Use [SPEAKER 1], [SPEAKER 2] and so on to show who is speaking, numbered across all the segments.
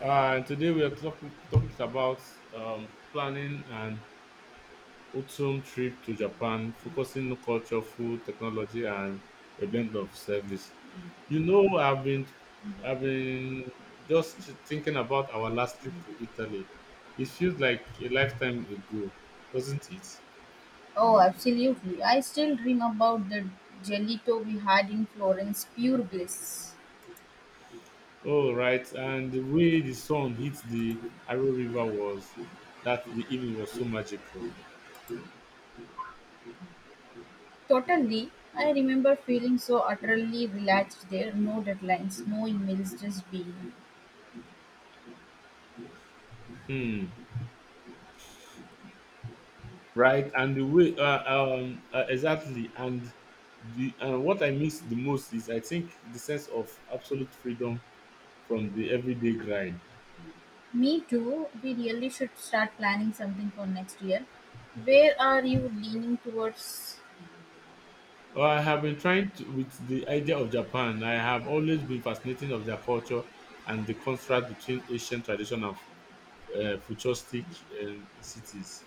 [SPEAKER 1] And today we are talking topic about planning an autumn trip to Japan, focusing on culture, food, technology, and a blend of service. You know, I've been I've been just thinking about our last trip to Italy. It feels like a lifetime ago, doesn't it?
[SPEAKER 2] Oh, absolutely. I still dream about the gelato we had in Florence, pure bliss.
[SPEAKER 1] Oh, right. And the way the sun hit the Arrow River was, that the evening was so magical.
[SPEAKER 2] Totally. I remember feeling so utterly relaxed there, no deadlines, no emails, just being.
[SPEAKER 1] Hmm. Right, and the way exactly, and the and what I miss the most is I think the sense of absolute freedom from the everyday grind.
[SPEAKER 2] Me too. We really should start planning something for next year. Where are you leaning towards
[SPEAKER 1] Well, I have been trying to with the idea of Japan. I have always been fascinated of their culture and the contrast between ancient tradition and futuristic cities.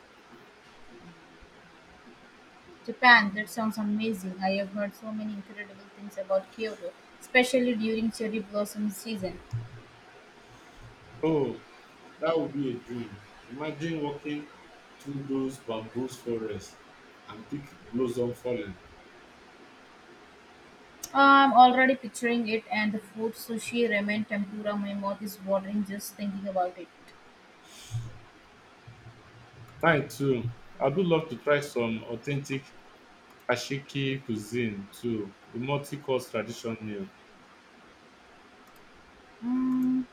[SPEAKER 2] Japan? That sounds amazing. I have heard so many incredible things about Kyoto, especially during cherry blossom season.
[SPEAKER 1] Oh, that would be a dream. Imagine walking through those bamboo forests and pick blossom falling.
[SPEAKER 2] I'm already picturing it, and the food sushi, ramen, tempura, my mouth is watering just thinking about it.
[SPEAKER 1] Mine too. I do love to try some authentic Ashiki cuisine too, the multi-course tradition meal.
[SPEAKER 2] Mm,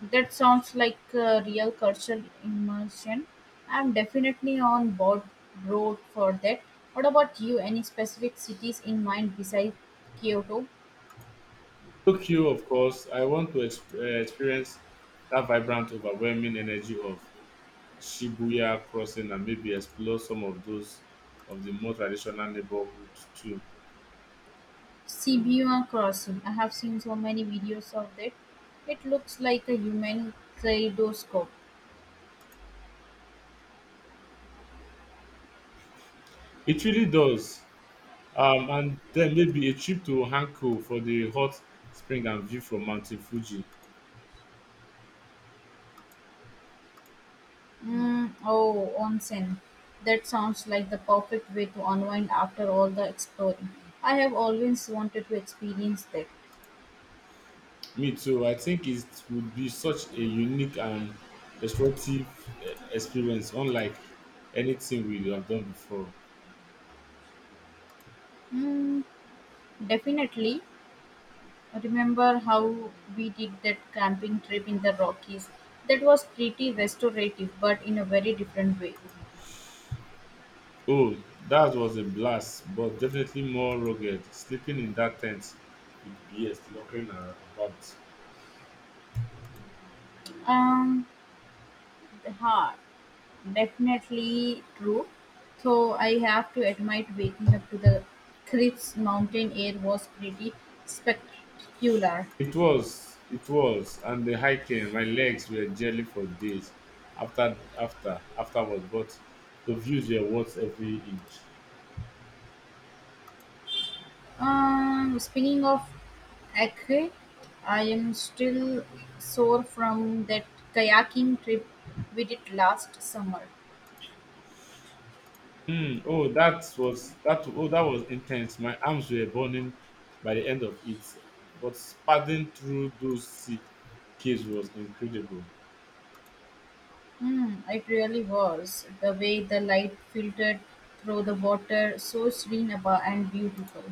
[SPEAKER 2] that sounds like a real cultural immersion. I'm definitely on board road for that. What about you? Any specific cities in mind besides Kyoto?
[SPEAKER 1] Tokyo, of course, I want to experience that vibrant, overwhelming energy of Shibuya crossing and maybe explore some of the more traditional neighborhoods too.
[SPEAKER 2] Shibuya Crossing. I have seen so many videos of that. It looks like a human kaleidoscope.
[SPEAKER 1] It really does. And then maybe a trip to Hanko for the hot spring and view from Mountain Fuji.
[SPEAKER 2] Mm, oh, onsen. That sounds like the perfect way to unwind after all the exploring. I have always wanted to experience that.
[SPEAKER 1] Me too. I think it would be such a unique and restorative experience, unlike anything we have done before.
[SPEAKER 2] Mm, definitely. Remember how we did that camping trip in the Rockies? That was pretty restorative, but in a very different way.
[SPEAKER 1] Oh, that was a blast, but definitely more rugged. Sleeping in that tent with BS locking about.
[SPEAKER 2] Um, ha, Definitely true. So I have to admit, waking up to the crisp mountain air was pretty spectacular.
[SPEAKER 1] It was, and the hiking, my legs were jelly for days afterward, but the views were worth every inch.
[SPEAKER 2] Speaking of Acre, I am still sore from that kayaking trip we did last summer.
[SPEAKER 1] Mm, oh, that was that. Oh, that was intense. My arms were burning by the end of it, but padding through those sea caves was incredible.
[SPEAKER 2] Hmm, it really was. The way the light filtered through the water, so and beautiful.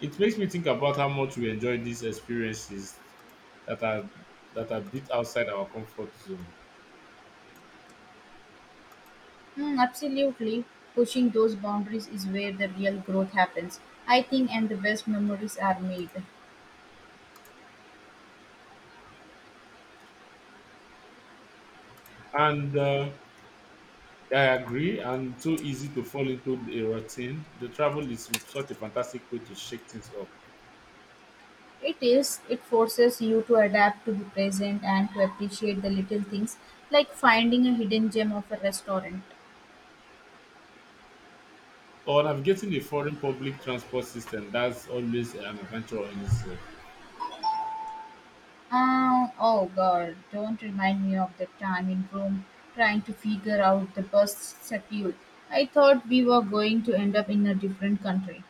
[SPEAKER 1] It makes me think about how much we enjoy these experiences that are that are bit outside our comfort zone.
[SPEAKER 2] Hmm, absolutely. Pushing those boundaries is where the real growth happens, I think, and the best memories are made.
[SPEAKER 1] And I agree. And so easy to fall into a routine. The travel is such a fantastic way to shake things up.
[SPEAKER 2] It is. It forces you to adapt to the present and to appreciate the little things, like finding a hidden gem of a restaurant.
[SPEAKER 1] Or navigating a foreign public transport system. That's always an adventure in itself.
[SPEAKER 2] Oh, oh God, don't remind me of the time in Rome trying to figure out the bus schedule. I thought we were going to end up in a different country.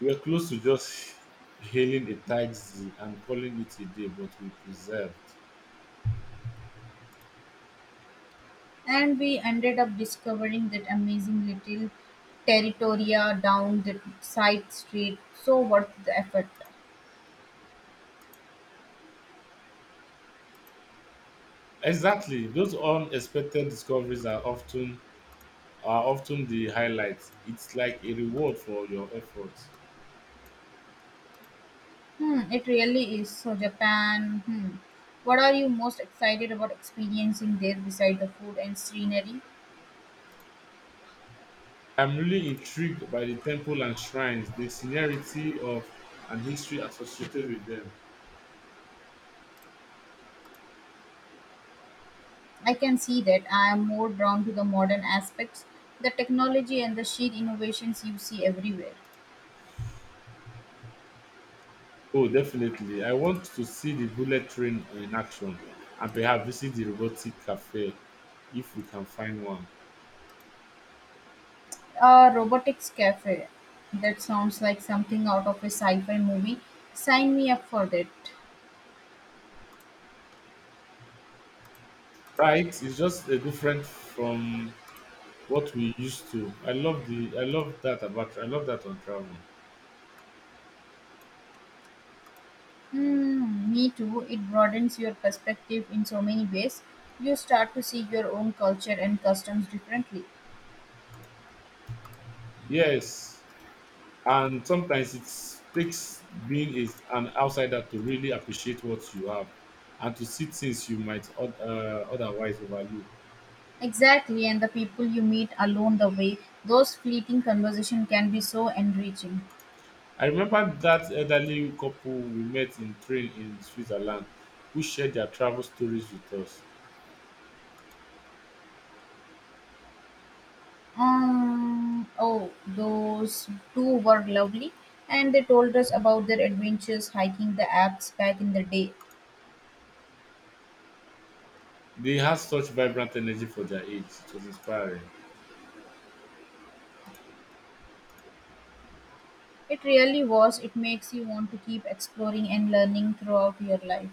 [SPEAKER 1] We were close to just hailing a taxi and calling it a day, but we preserved.
[SPEAKER 2] And we ended up discovering that amazing little territoria down the side street. So worth the effort.
[SPEAKER 1] Exactly. Those unexpected discoveries are often the highlights. It's like a reward for your efforts.
[SPEAKER 2] Hmm, it really is. So Japan, hmm. What are you most excited about experiencing there beside the food and scenery?
[SPEAKER 1] I'm really intrigued by the temple and shrines, the seniority of and history associated with them.
[SPEAKER 2] I can see that I am more drawn to the modern aspects, the technology and the sheer innovations you see everywhere.
[SPEAKER 1] Oh, definitely. I want to see the bullet train in action and perhaps visit the robotic cafe if we can find one.
[SPEAKER 2] A robotics cafe. That sounds like something out of a sci-fi movie. Sign me up for that.
[SPEAKER 1] Right, it's just different from what we used to. I love the I love that about I love that on travel.
[SPEAKER 2] Hmm, me too. It broadens your perspective in so many ways. You start to see your own culture and customs differently.
[SPEAKER 1] Yes, and sometimes it takes being is an outsider to really appreciate what you have and to see things you might otherwise overlook.
[SPEAKER 2] Exactly, and the people you meet along the way, those fleeting conversations can be so enriching.
[SPEAKER 1] I remember that elderly couple we met in train in Switzerland who shared their travel stories with us.
[SPEAKER 2] Oh, those two were lovely, and they told us about their adventures hiking the Alps back in the day.
[SPEAKER 1] They had such vibrant energy for their age. It was inspiring.
[SPEAKER 2] It really was, it makes you want to keep exploring and learning throughout your life.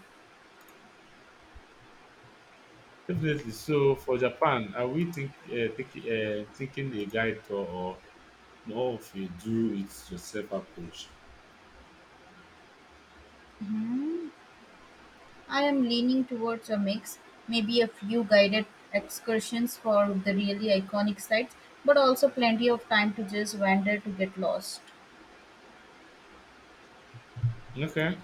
[SPEAKER 1] Definitely. So for Japan, are we thinking a guide tour or more of a do it yourself approach.
[SPEAKER 2] Hmm. I am leaning towards a mix, maybe a few guided excursions for the really iconic sites, but also plenty of time to just wander to get lost.
[SPEAKER 1] Okay.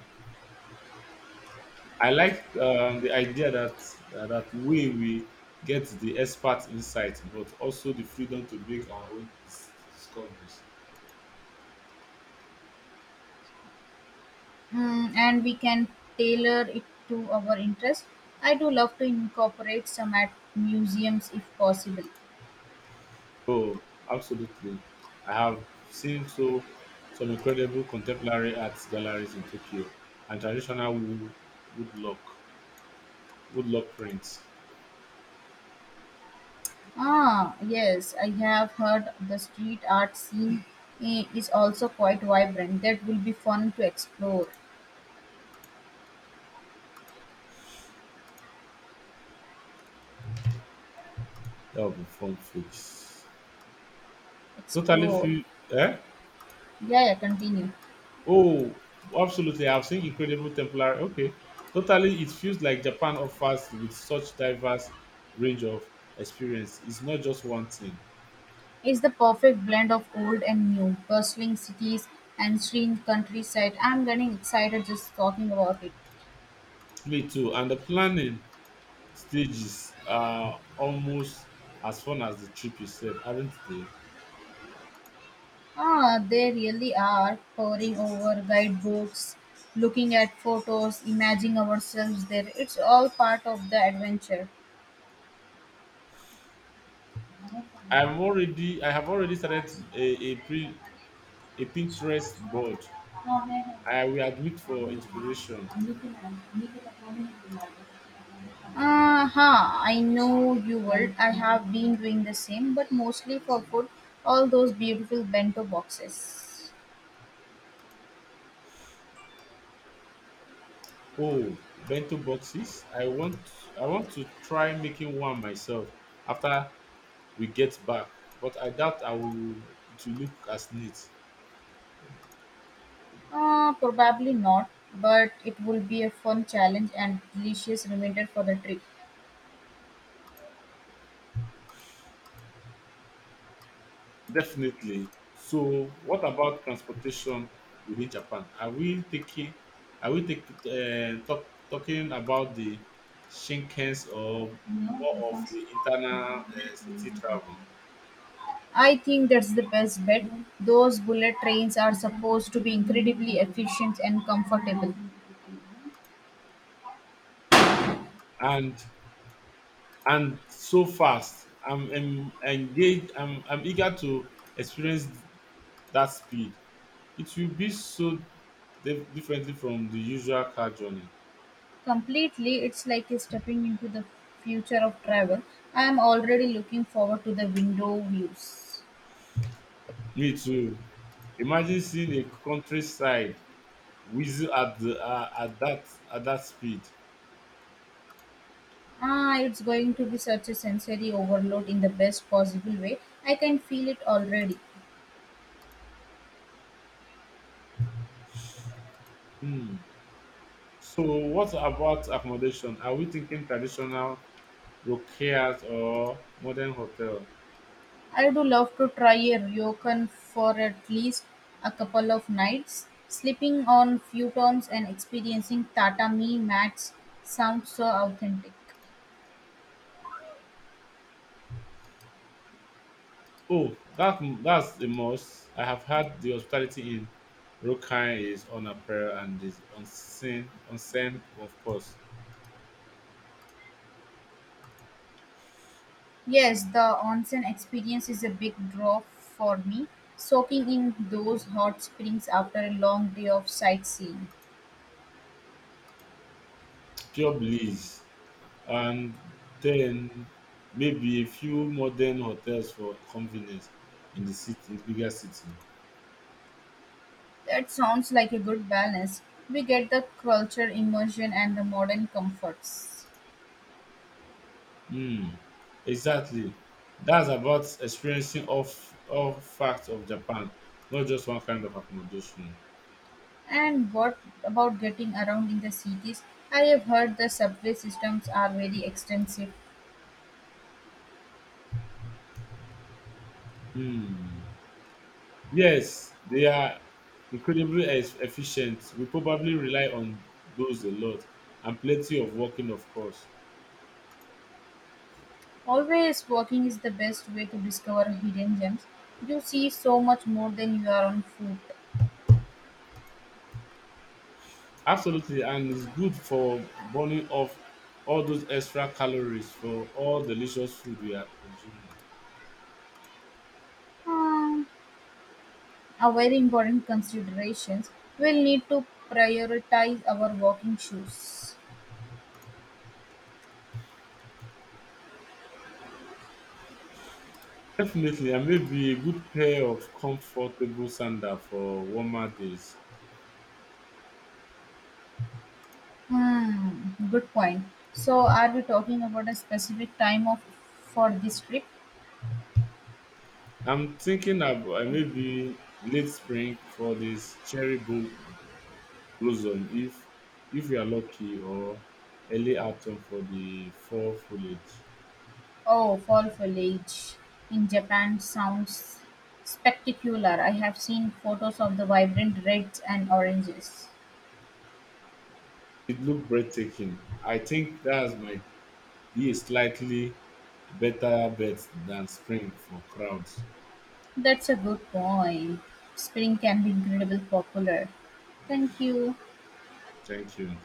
[SPEAKER 1] I like the idea that way we get the expert insight, but also the freedom to make our own discoveries.
[SPEAKER 2] Hmm, and we can tailor it to our interest. I do love to incorporate some at museums if possible.
[SPEAKER 1] Oh, absolutely. I have seen some incredible contemporary arts galleries in Tokyo and traditional woodlock woodlock prints
[SPEAKER 2] Ah, yes, I have heard the street art scene is also quite vibrant. That will be fun to explore.
[SPEAKER 1] that have been fun fix. Totally
[SPEAKER 2] Explore.
[SPEAKER 1] feel eh?
[SPEAKER 2] Yeah, yeah, continue.
[SPEAKER 1] Oh, absolutely. I've seen incredible temporary. Okay, totally. It feels like Japan offers with such diverse range of experience. It's not just one thing.
[SPEAKER 2] It's the perfect blend of old and new, bustling cities and serene countryside. I'm getting excited just talking about it.
[SPEAKER 1] Me too. And the planning stages are almost as fun as the trip itself, aren't they?
[SPEAKER 2] Ah, they really are poring over guidebooks, looking at photos, imagining ourselves there. It's all part of the adventure.
[SPEAKER 1] I'm already. I have already started a, pre, a Pinterest board. I will admit for inspiration.
[SPEAKER 2] Ah, ha! I know you would. I have been doing the same, but mostly for food. All those beautiful bento boxes.
[SPEAKER 1] Oh, bento boxes. I want to try making one myself after we get back. But I doubt I will it will look as neat.
[SPEAKER 2] Ah, probably not, but it will be a fun challenge and delicious reminder for the trip.
[SPEAKER 1] Definitely. So what about transportation within Japan? Are we taking are we take, talk, talking about the Shinkansen or more of the internal city travel?
[SPEAKER 2] I think that's the best bet. Those bullet trains are supposed to be incredibly efficient and comfortable.
[SPEAKER 1] And and so fast. I'm engaged. I'm eager to experience that speed. It will be so differently from the usual car journey.
[SPEAKER 2] Completely, it's like a stepping into the future of travel. I am already looking forward to the window views.
[SPEAKER 1] Me too. Imagine seeing a countryside whistle at that speed.
[SPEAKER 2] Ah, it's going to be such a sensory overload in the best possible way. I can feel it already.
[SPEAKER 1] Hmm. So what about accommodation? Are we thinking traditional rockiers or modern hotel?
[SPEAKER 2] I do love to try a ryokan for at least a couple of nights. Sleeping on futons and experiencing tatami mats sounds so authentic.
[SPEAKER 1] Oh, that's the must. I have heard the hospitality in Rokai is on a prayer and is unseen of course.
[SPEAKER 2] Yes, the onsen experience is a big draw for me. Soaking in those hot springs after a long day of sightseeing.
[SPEAKER 1] Pure bliss. And then maybe a few modern hotels for convenience in the bigger city.
[SPEAKER 2] That sounds like a good balance. We get the culture immersion and the modern comforts.
[SPEAKER 1] Hmm, exactly. That's about experiencing all, all facts of Japan, not just one kind of accommodation.
[SPEAKER 2] And what about getting around in the cities? I have heard the subway systems are very extensive.
[SPEAKER 1] Hmm. Yes, they are incredibly efficient. We probably rely on those a lot, and plenty of walking, of course.
[SPEAKER 2] Always walking is the best way to discover hidden gems. You see so much more than you are on foot.
[SPEAKER 1] Absolutely, and it's good for burning off all those extra calories for all delicious food we are consuming.
[SPEAKER 2] Um, a very important considerations. We'll need to prioritize our walking shoes.
[SPEAKER 1] Definitely, and maybe a good pair of comfortable sandal for warmer days.
[SPEAKER 2] Hmm, good point. So, are we talking about a specific time of for this trip?
[SPEAKER 1] I'm thinking about maybe late spring for this cherry blossom if we are lucky, or early autumn for the fall foliage.
[SPEAKER 2] Oh, fall foliage in Japan sounds spectacular. I have seen photos of the vibrant reds and oranges.
[SPEAKER 1] It looked breathtaking. I think that's my Be a slightly better bet than Spring for crowds.
[SPEAKER 2] That's a good point. Spring can be incredibly popular. Thank you.
[SPEAKER 1] Thank you.